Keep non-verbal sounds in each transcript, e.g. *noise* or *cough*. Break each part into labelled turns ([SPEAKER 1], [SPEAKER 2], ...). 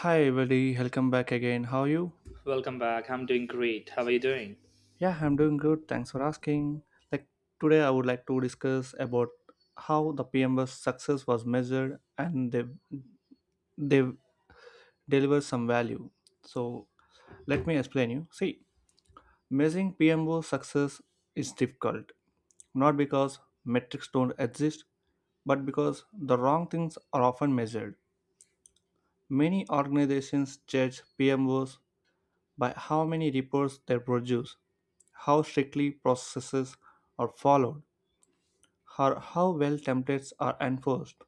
[SPEAKER 1] Hi, everybody. Welcome back again. How are you?
[SPEAKER 2] Welcome back. I'm doing great. How are you doing?
[SPEAKER 1] Yeah, I'm doing good. Thanks for asking. Like today, I would like to discuss about how the PM's success was measured and they deliver some value. So let me explain you. See, measuring PMO success is difficult, not because metrics don't exist, but because the wrong things are often measured. Many organizations judge PMOs by how many reports they produce, how strictly processes are followed, or how well templates are enforced.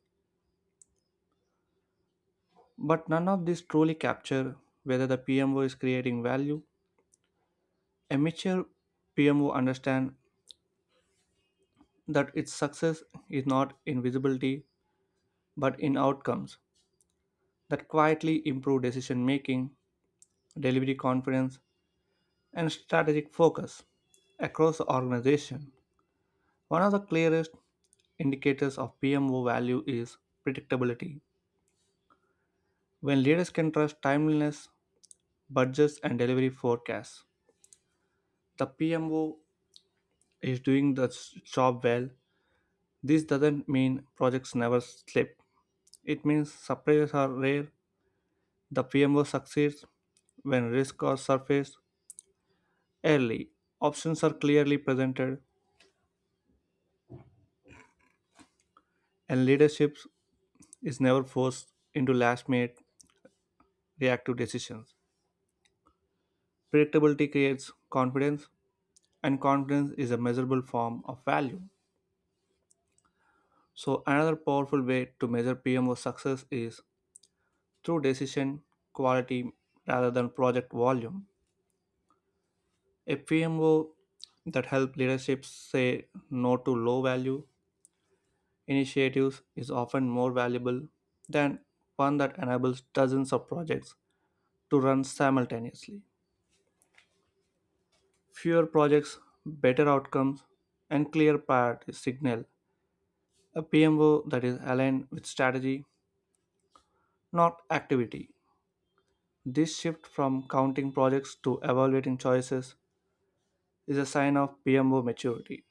[SPEAKER 1] But none of these truly capture whether the PMO is creating value. A mature PMO understands that its success is not in visibility but in outcomes that quietly improve decision making, delivery confidence, and strategic focus across the organization. One of the clearest indicators of PMO value is predictability. When leaders can trust timeliness, budgets, and delivery forecasts, the PMO is doing the job well. This doesn't mean projects never slip. It means surprises are rare. The PMO succeeds when risks are surfaced early, options are clearly presented, and leadership is never forced into last minute reactive decisions. Predictability creates confidence and confidence is a measurable form of value. So, another powerful way to measure PMO success is through decision quality rather than project volume. A PMO that helps leadership say no to low value initiatives is often more valuable than one that enables dozens of projects to run simultaneously. Fewer projects, better outcomes, and clear priority signal. A PMO that is aligned with strategy not activity. This shift from counting projects to evaluating choices is a sign of PMO maturity.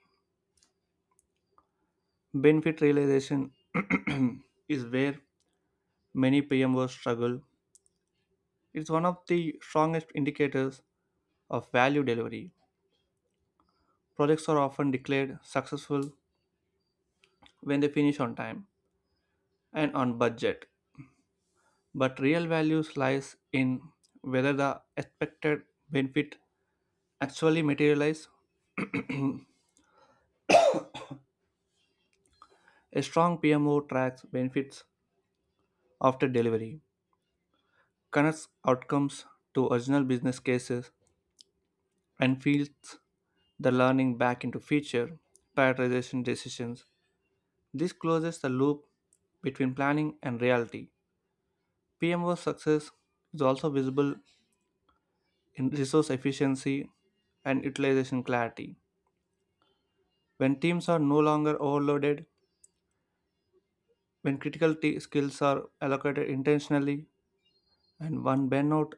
[SPEAKER 1] Benefit realization *clears throat* is where many PMOs struggle. It's one of the strongest indicators of value delivery. Projects are often declared successful when they finish on time and on budget, but real value lies in whether the expected benefit actually materialize. A strong PMO tracks benefits after delivery, connects outcomes to original business cases, and feeds the learning back into future prioritization decisions. This closes the loop between planning and reality. PMO's success is also visible in resource efficiency and utilization clarity. When teams are no longer overloaded, when skills are allocated intentionally, and when burnout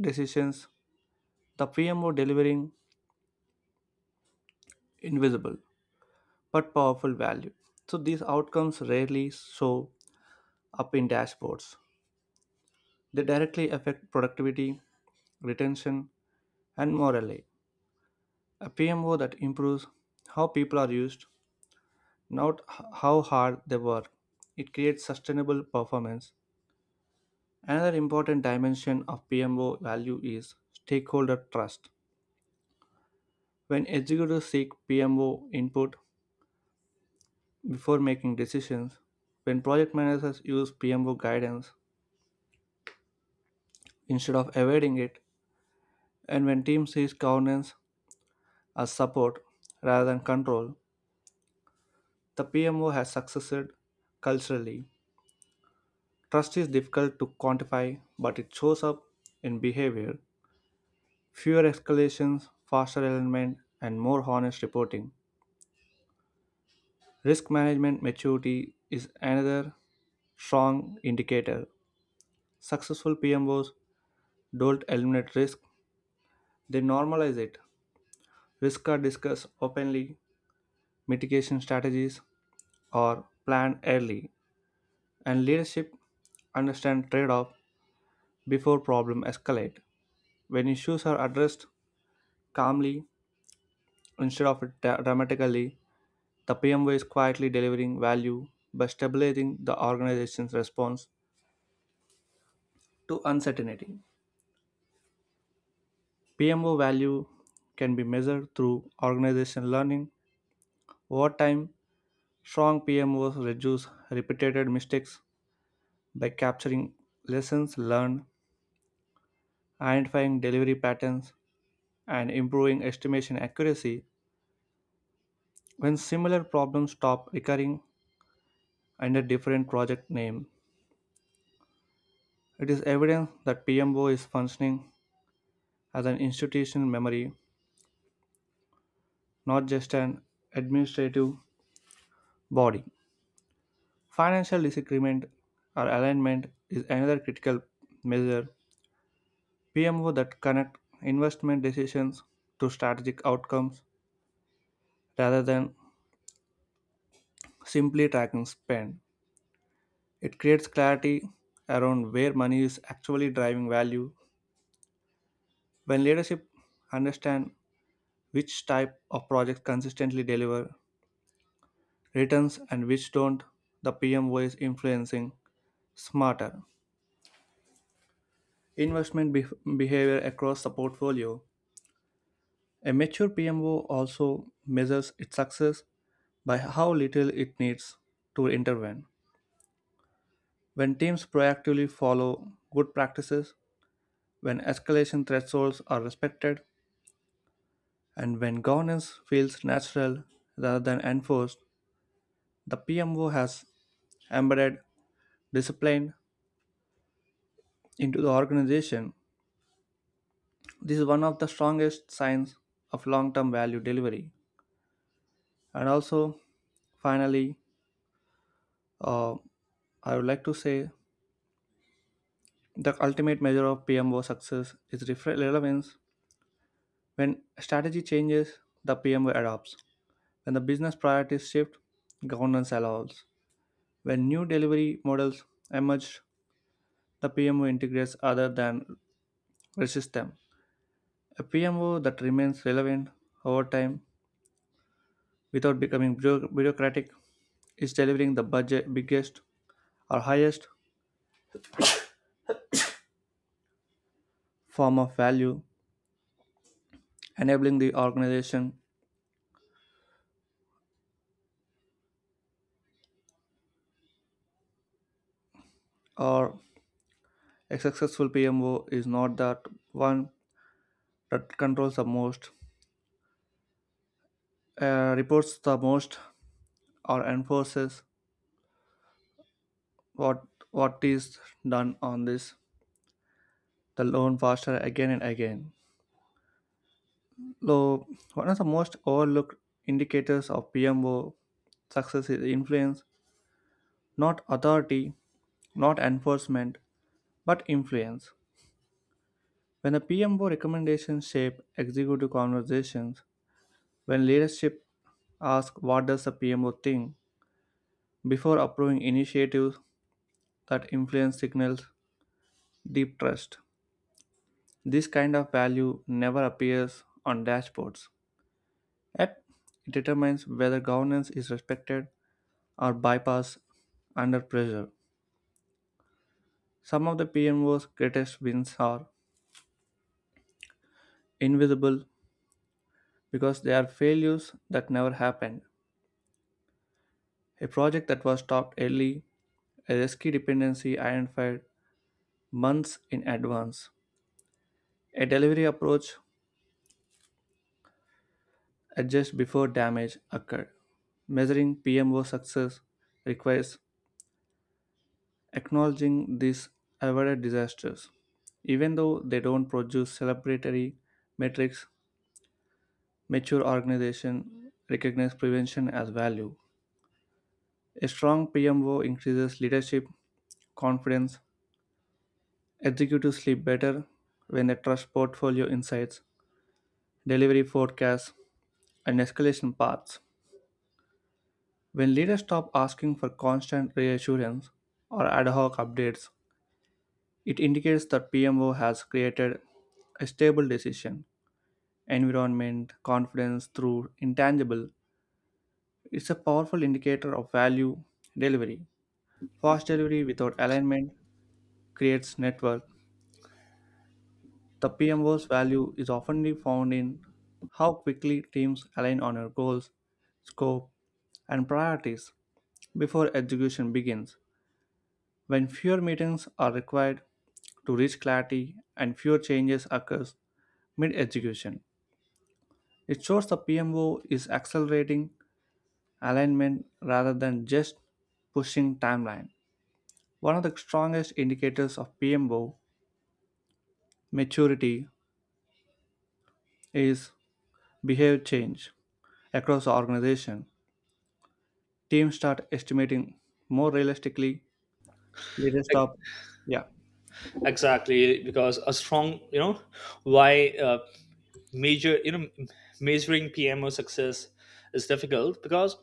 [SPEAKER 1] decisions, the PMO delivering invisible, but powerful value. So these outcomes rarely show up in dashboards. They directly affect productivity, retention, and morale. A PMO that improves how people are used, not h- how hard they work. It creates sustainable performance. Another important dimension of PMO value is stakeholder trust. When executives seek PMO input before making decisions, when project managers use PMO guidance instead of evading it, and when team sees governance as support rather than control, the PMO has succeeded culturally. Trust is difficult to quantify, but it shows up in behavior, fewer escalations, faster alignment, and more honest reporting. Risk management maturity is another strong indicator. Successful PMOs don't eliminate risk, they normalize it. Risks are discussed openly, mitigation strategies are planned early, and leadership understand trade-off before problem escalate. When issues are addressed calmly instead of dramatically, the PMO is quietly delivering value by stabilizing the organization's response to uncertainty. PMO value can be measured through organization learning over time. Strong PMOs reduce repeated mistakes by capturing lessons learned, identifying delivery patterns, and improving estimation accuracy. When similar problems stop recurring under different project name, it is evident that PMO is functioning as an institutional memory, not just an administrative body. Financial disagreement or alignment is another critical measure. PMO that connect investment decisions to strategic outcomes rather than simply tracking spend. It creates clarity around where money is actually driving value. When leadership understand which type of projects consistently deliver returns and which don't, the PMO is influencing smarter investment bef- behavior across the portfolio. A mature PMO also measures its success by how little it needs to intervene. When teams proactively follow good practices, when escalation thresholds are respected, and when governance feels natural rather than enforced, the PMO has embedded discipline into the organization. This is one of the strongest signs of long term value delivery. And also, finally, uh, I would like to say the ultimate measure of PMO success is relevance. When strategy changes, the PMO adopts. When the business priorities shift, governance allows. When new delivery models emerge, the PMO integrates other than resist them. A PMO that remains relevant over time without becoming bureaucratic is delivering the budget biggest or highest form of value enabling the organization. Or a successful PMO is not that one that controls the most, reports the most, or enforces what what is done on this the loan faster again and again. So one of the most overlooked indicators of PMO success is influence. Not authority, not enforcement, but influence. When the PMO recommendations shape executive conversations, when leadership asks what does the PMO think before approving initiatives, that influence signals deep trust. This kind of value never appears on dashboards. Yet it determines whether governance is respected or bypassed under pressure. Some of the PMO's greatest wins are invisible because they are failures that never happened. A project that was stopped early, a risky dependency identified months in advance, a delivery approach adjusted before damage occurred. Measuring PMO success requires acknowledging these avoided disasters. Even though they don't produce celebratory metrics, mature organizations recognize prevention as value. A strong PMO increases leadership confidence. Executives sleep better when they trust portfolio insights, delivery forecasts, and escalation paths. When leaders stop asking for constant reassurance or ad hoc updates, it indicates that PMO has created a stable decision environment, confidence through intangible. It's a powerful indicator of value delivery. Fast delivery without alignment creates network. The PMO's value is often found in how quickly teams align on your goals, scope, and priorities before execution begins. When fewer meetings are required to reach clarity and fewer changes occurs mid-execution, it shows the PMO is accelerating alignment rather than just pushing timeline. One of the strongest indicators of PMO maturity is behavior change across the organization. Teams start estimating more realistically. Leaders
[SPEAKER 2] Ex-
[SPEAKER 1] stop. Yeah,
[SPEAKER 2] Exactly, because a strong, why major, measuring PMO success is difficult because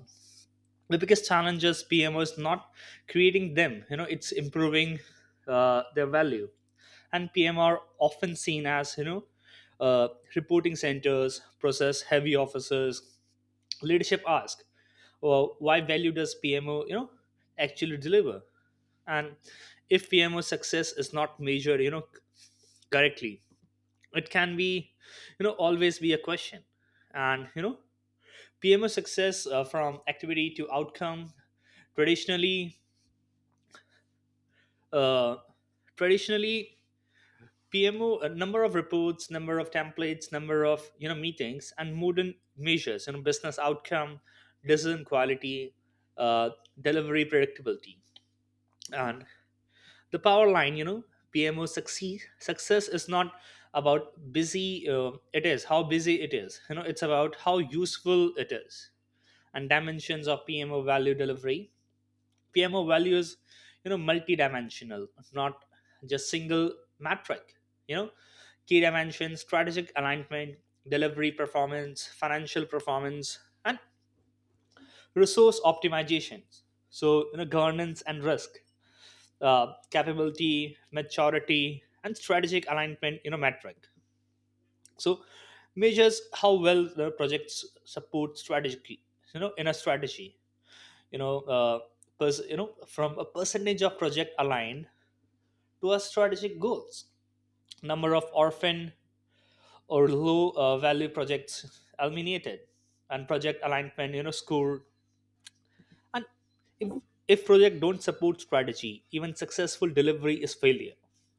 [SPEAKER 2] the biggest challenge is PMO is not creating them. It's improving their value, and PM are often seen as, uh, reporting centers, process heavy officers. Leadership ask, well, why value does PMO, actually deliver? And if PMO success is not measured, correctly, it can be, always be a question. And, PMO success, from activity to outcome. Traditionally uh, traditionally PMO, number of reports, number of templates, number of, meetings, and modern measures, business outcome, decision quality, uh, delivery predictability, and the power line, PMO succeed success is not about busy, it is how busy it is, it's about how useful it is. And dimensions of PMO value delivery. PMO value is, multidimensional, not just single metric, you know key dimensions: strategic alignment, delivery performance, financial performance, and resource optimizations. So, governance and risk, capability, maturity, and strategic alignment, metric. So measures how well the projects support strategy, in a strategy, you know, uh, from a percentage of project aligned to our strategic goals, number of orphan or low value projects eliminated, and project alignment, score. And if if project don't support strategy, even successful delivery is failure.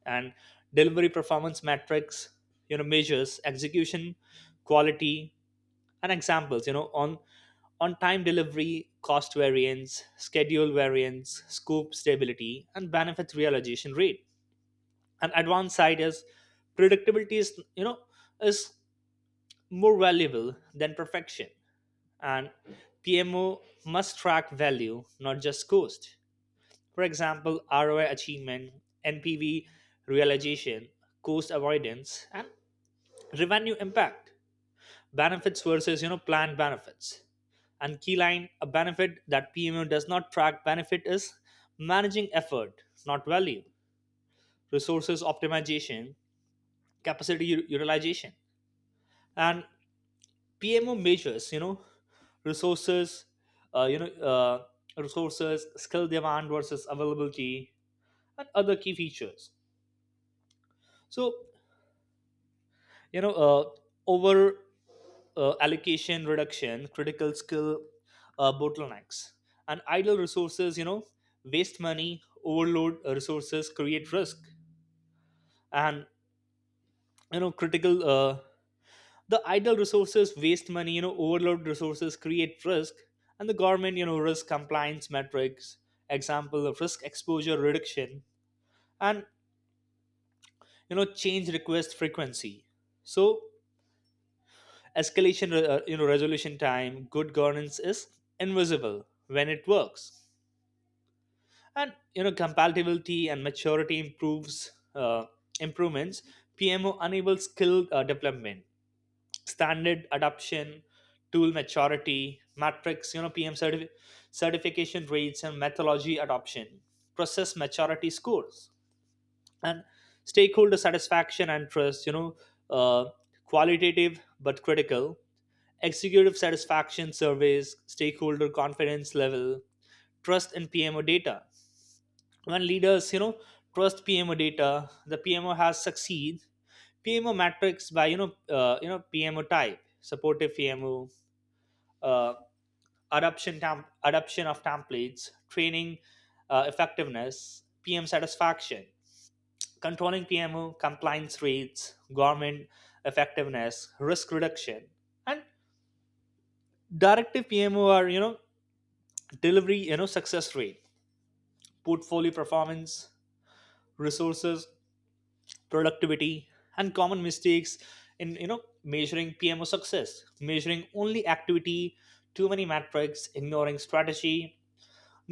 [SPEAKER 2] And delivery performance metrics, measures execution, quality, and examples. On time delivery, cost variance, schedule variance, scope stability, and benefit realization rate. And advanced side is predictability is you know is more valuable than perfection. And PMO must track value, not just cost. For example, ROI achievement, NPV realization, cost avoidance, and revenue impact. Benefits versus, planned benefits. And key line, a benefit that PMO does not track benefit is managing effort, not value, resources optimization, capacity utilization. And PMO measures, resources, uh, you know, uh, skill demand versus availability, and other key features. So, you know uh, over allocation reduction, critical skill bottlenecks, and idle resources, waste money, overload resources create risk. And, critical, the idle resources waste money, overload resources create risk. And the government, risk compliance metrics, example of risk exposure reduction, and, change request frequency. So escalation, resolution time, good governance is invisible when it works. And, compatibility and maturity improves uh, improvements. PMO enables skill development, standard adoption, tool maturity, matrix, PM certification rates, and methodology adoption, process maturity scores. And stakeholder satisfaction and trust, uh, qualitative but critical, executive satisfaction surveys, stakeholder confidence level, trust in PMO data. When leaders, trust PMO data, the PMO has succeed. PMO matrix by, PMO type: supportive PMO, uh, adoption of templates, training effectiveness, PM satisfaction; controlling PMO compliance rates, government effectiveness, risk reduction; and directive PMO are, delivery, success rate, portfolio performance, resources productivity. And common mistakes in, measuring PMO success: measuring only activity, too many metrics, ignoring strategy,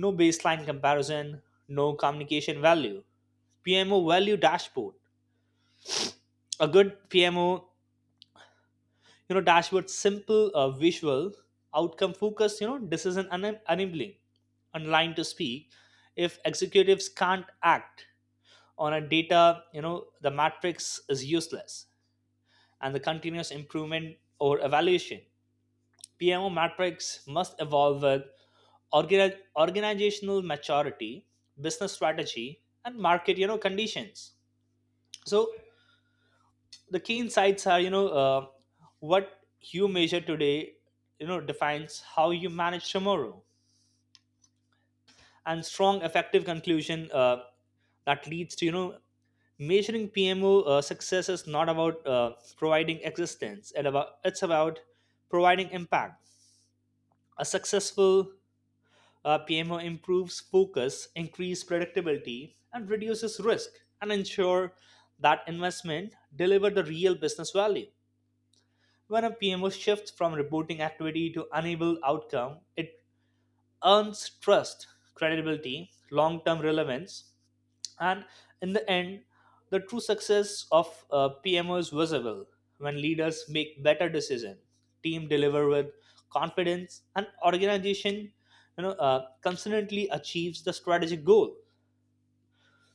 [SPEAKER 2] no baseline comparison, no communication value. PMO value dashboard: a good PMO, dashboard simple, visual, outcome focused, decision enabling, and line to speak: if executives can't act on a data, the matrix is useless. And the continuous improvement or evaluation, PMO matrix must evolve with organizational maturity, business strategy, and market, conditions. So the key insights are, what you measure today, defines how you manage tomorrow, and strong effective conclusion, that leads to, measuring PMO, success is not about, providing existence. It's about providing impact. A successful, PMO improves focus, increase predictability, and reduces risk, and ensure that investment deliver the real business value. When a PMO shifts from reporting activity to enable outcome, it earns trust, credibility, long-term relevance. And in the end, the true success of, PMO is visible when leaders make better decisions, team deliver with confidence, and organization, consistently achieves the strategic goal.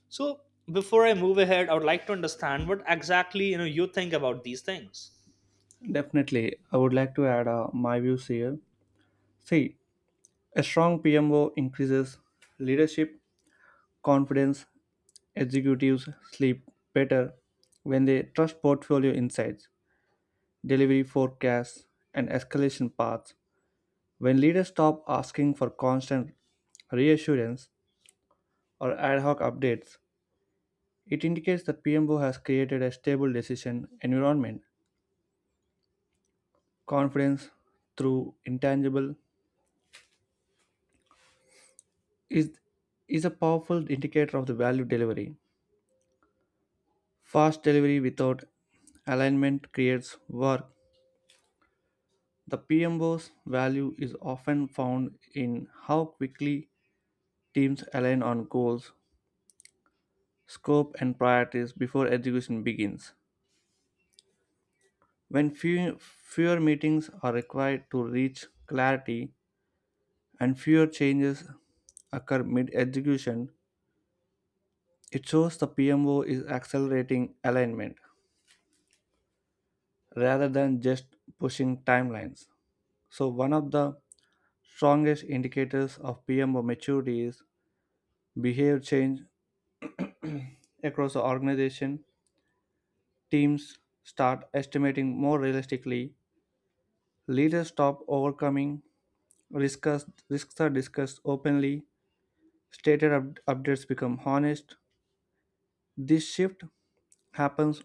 [SPEAKER 2] So, before I move ahead, I would like to understand what exactly, you think about these things.
[SPEAKER 1] definitely, I would like to add my views here. See, a strong PMO increases leadership confidence. Executives sleep better when they trust portfolio insights, delivery forecasts, and escalation paths. When leaders stop asking for constant reassurance or ad hoc updates, it indicates that PMO has created a stable decision environment, confidence through intangible is is a powerful indicator of the value delivery. Fast delivery without alignment creates work. The PMBO's value is often found in how quickly teams align on goals, scope, and priorities before execution begins. When fewer meetings are required to reach clarity and fewer changes occur mid execution, it shows the PMO is accelerating alignment rather than just pushing timelines. So, one of the strongest indicators of PMO maturity is behavior change across the organization. Teams start estimating more realistically. Leaders stop overcoming risks. Risks are discussed openly. Updates become honest. This shift happens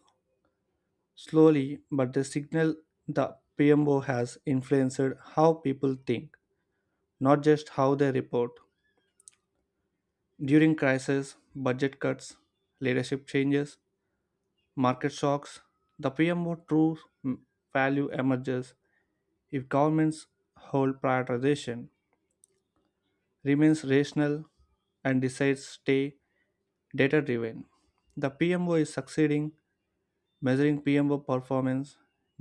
[SPEAKER 1] slowly, but the signal the PMO has influenced how people think, not just how they report. During crises, budget cuts, leadership changes, market shocks, the PMO true value emerges. If government's whole prioritization remains rational and decides stay data driven, the PMO is succeeding. Measuring PMO performance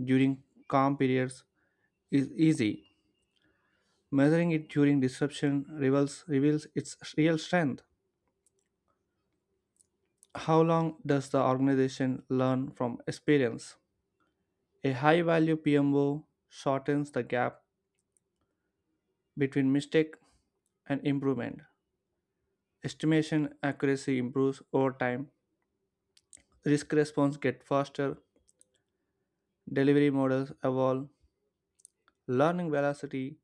[SPEAKER 1] during calm periods is easy. Measuring it during disruption reveals its real strength. How long does the organization learn from experience? A high value PMO shortens the gap between mistake and improvement. Estimation accuracy improves over time. Risk response gets faster. Delivery models evolve. Learning velocity,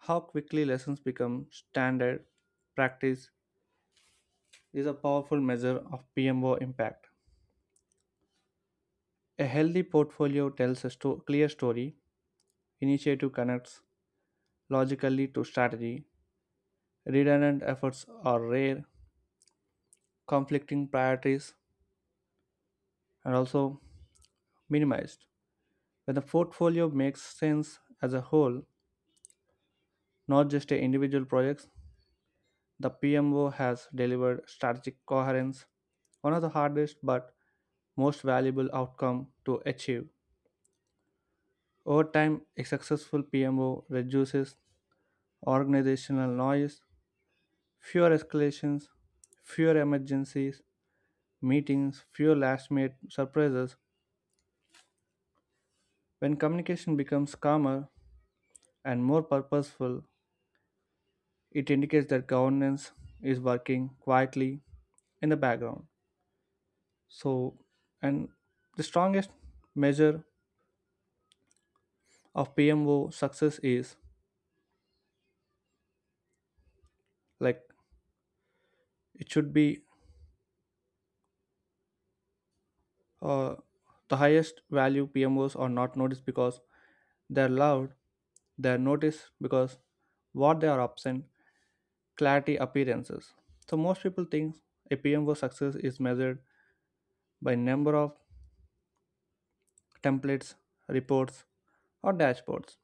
[SPEAKER 1] how quickly lessons become standard practice, is a powerful measure of PMO impact. A healthy portfolio tells a clear story. Initiative connects logically to strategy. Redundant efforts are rare, conflicting priorities are also minimized. When the portfolio makes sense as a whole, not just a individual projects, the PMO has delivered strategic coherence, one of the hardest but most valuable outcome to achieve. Over time, a successful PMO reduces organizational noise, fewer escalations, fewer emergencies, meetings, fewer last minute surprises. When communication becomes calmer and more purposeful, it indicates that governance is working quietly in the background. So, and the strongest measure of PMO success is like it should be uh, the highest value PMOs are not noticed because they're loud, they're noticed because what they are absent, clarity appearances. So most people think a PMO success is measured by number of templates, reports, or dashboards.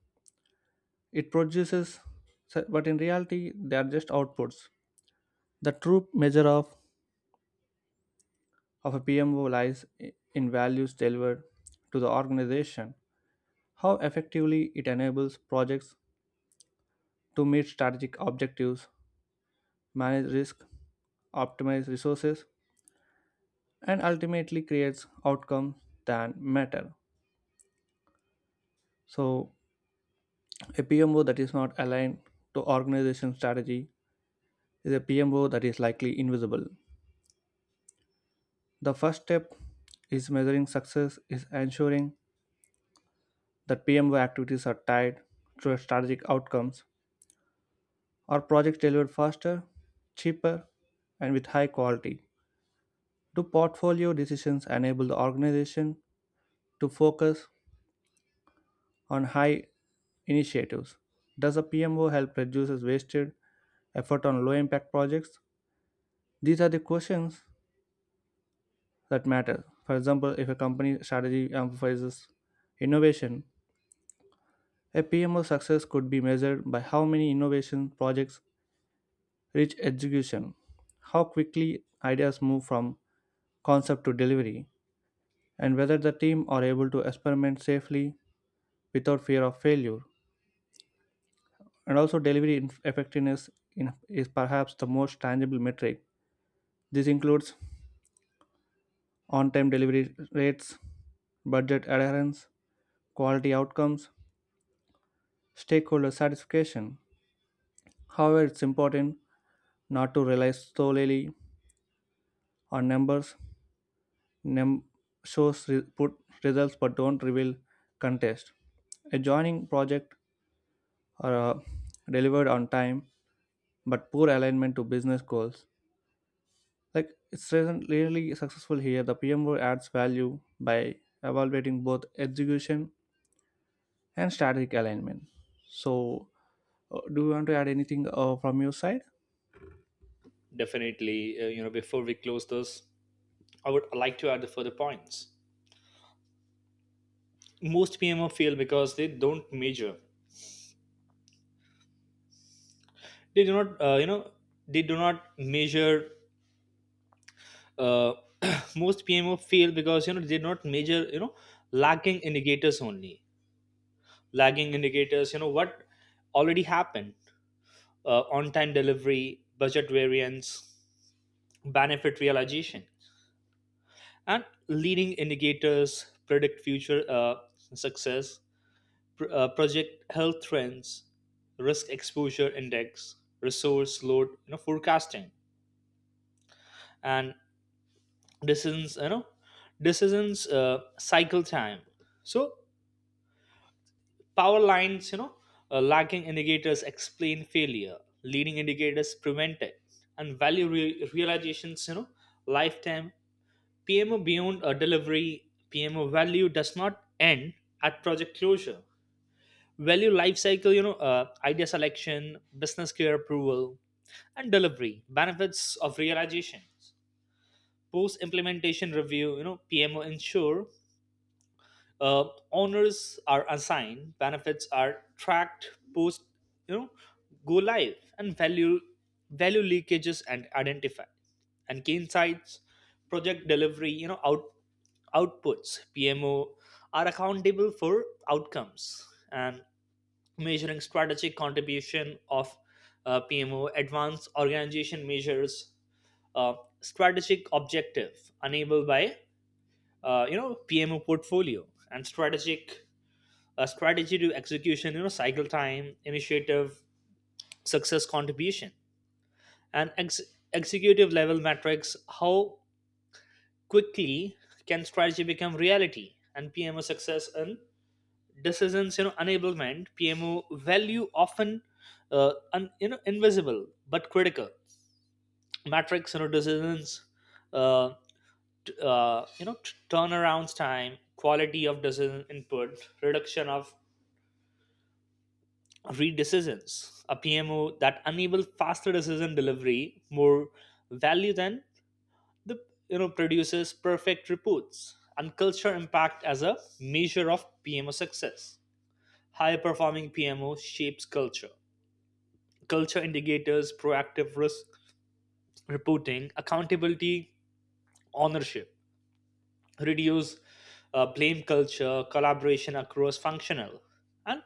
[SPEAKER 1] It produces, but in reality, they are just outputs. The true measure of a PMO lies in values delivered to the organization, how effectively it enables projects to meet strategic objectives, manage risk, optimize resources, and ultimately creates outcomes that matter. So, a PMO that is not aligned to organization strategy is a PMO that is likely invisible. The first step is measuring success is ensuring that PMO activities are tied to strategic outcomes or projects delivered faster, cheaper, and with high quality. Do portfolio decisions enable the organization to focus on high initiatives? Does a PMO help reduce wasted effort on low impact projects? These are the questions that matter. For example, if a company strategy emphasizes innovation, a PMO success could be measured by how many innovation projects reach execution, how quickly ideas move from concept to delivery, and whether the team are able to experiment safely without fear of failure. And also, delivery effectiveness in- is perhaps the most tangible metric. This includes on time delivery rates, budget adherence, quality outcomes, stakeholder satisfaction. However, it's important not to rely solely on numbers. Num- Shows put results but don't reveal contest. A joining project are delivered on time but poor alignment to business goals. Like it's really successful here. The PMO adds value by evaluating both execution and strategic alignment. So, do you want to add anything from your side?
[SPEAKER 2] Definitely, before we close this, I would like to add the further points. Most PMO fail because they don't measure. They do not, you know, they do not measure, uh, *clears throat* most PMO fail because, they not measure, lagging indicators only. Lagging indicators, what already happened: on time delivery, budget variance, benefit realization. And leading indicators predict future, success: project health trends, risk exposure index, resource load, forecasting, and decisions you know decisions, cycle time. So, power lines, lagging indicators explain failure, leading indicators prevent it, and value realizations, lifetime PMO beyond a delivery. PMO value does not end at project closure. Value lifecycle, idea selection, business care approval, and delivery benefits of realizations, post implementation review. PMO ensure, uh, owners are assigned, benefits are tracked post, you know, go live, and value leakages and identified. And gain sites, project delivery, outputs PMO are accountable for outcomes and measuring strategic contribution of, PMO. Advanced organization measures, uh, strategic objective enabled by, PMO portfolio and strategic, a strategy to execution, cycle time, initiative success contribution, and executive level metrics: how quickly can strategy become reality. And PMO success and decisions, enablement. PMO value often, un, you know invisible but critical metrics, decisions, uh, turnarounds time, quality of decision input, reduction of redecisions. A PMO that enable faster decision delivery, more value than the, produces perfect reports. And culture impact as a measure of PMO success. High performing PMO shapes culture. Culture indicators: proactive risk reporting, accountability, ownership, reduce, blame culture, collaboration across functional, and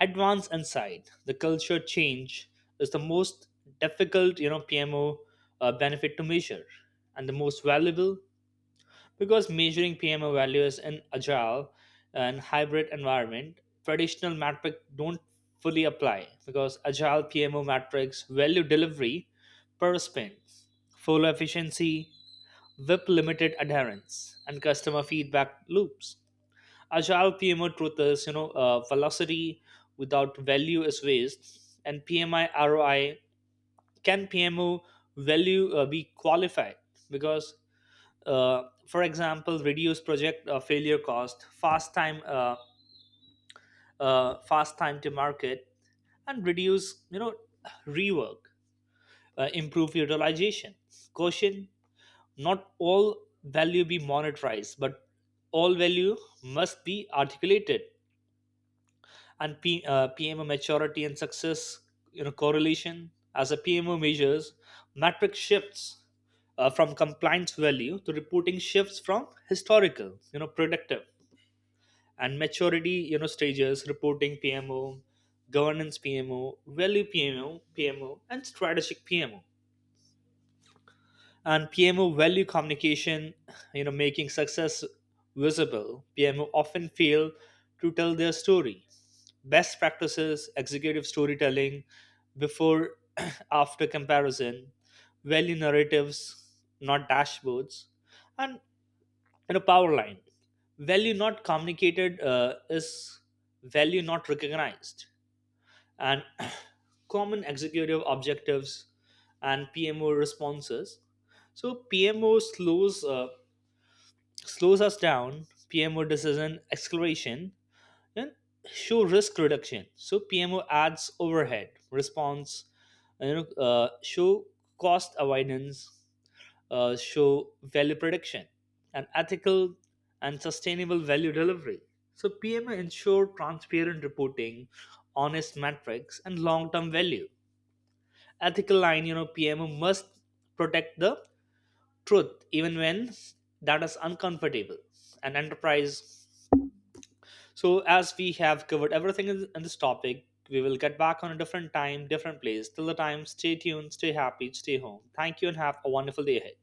[SPEAKER 2] advance and side the culture change is the most difficult, PMO, benefit to measure, and the most valuable. Because measuring PMO values in agile and hybrid environment, traditional metric don't fully apply because agile PMO metrics value delivery per spin, full efficiency, whip limited adherence, and customer feedback loops. Agile PMO truth is, velocity without value is waste. And PMI ROI: can PMO value, be qualified? Because, uh, for example, reduce project, failure cost, fast time to market, and reduce, rework, improve utilization. Caution: not all value be monetized, but all value must be articulated. And PMO maturity and success, correlation. As a PMO measures, metric shifts, from compliance value to reporting, shifts from historical, predictive. And maturity, stages: reporting PMO, governance PMO, value PMO, and strategic PMO. And PMO value communication, making success visible. PMO often fail to tell their story. Best practices: executive storytelling, before *clears throat* after comparison, value narratives, not dashboards, and, power line. Value not communicated, is value not recognized. And *clears throat* common executive objectives and PMO responses. So PMO slows us down. PMO decision acceleration and show risk reduction. So PMO adds overhead response. Show cost avoidance. Show value prediction and ethical and sustainable value delivery. So PMO ensure transparent reporting, honest metrics, and long-term value ethical line, PMO must protect the truth even when that is uncomfortable. And enterprise. So, as we have covered everything in this topic, we will get back on a different time, different place. Till the time, stay tuned, stay happy, stay home. Thank you, and have a wonderful day ahead.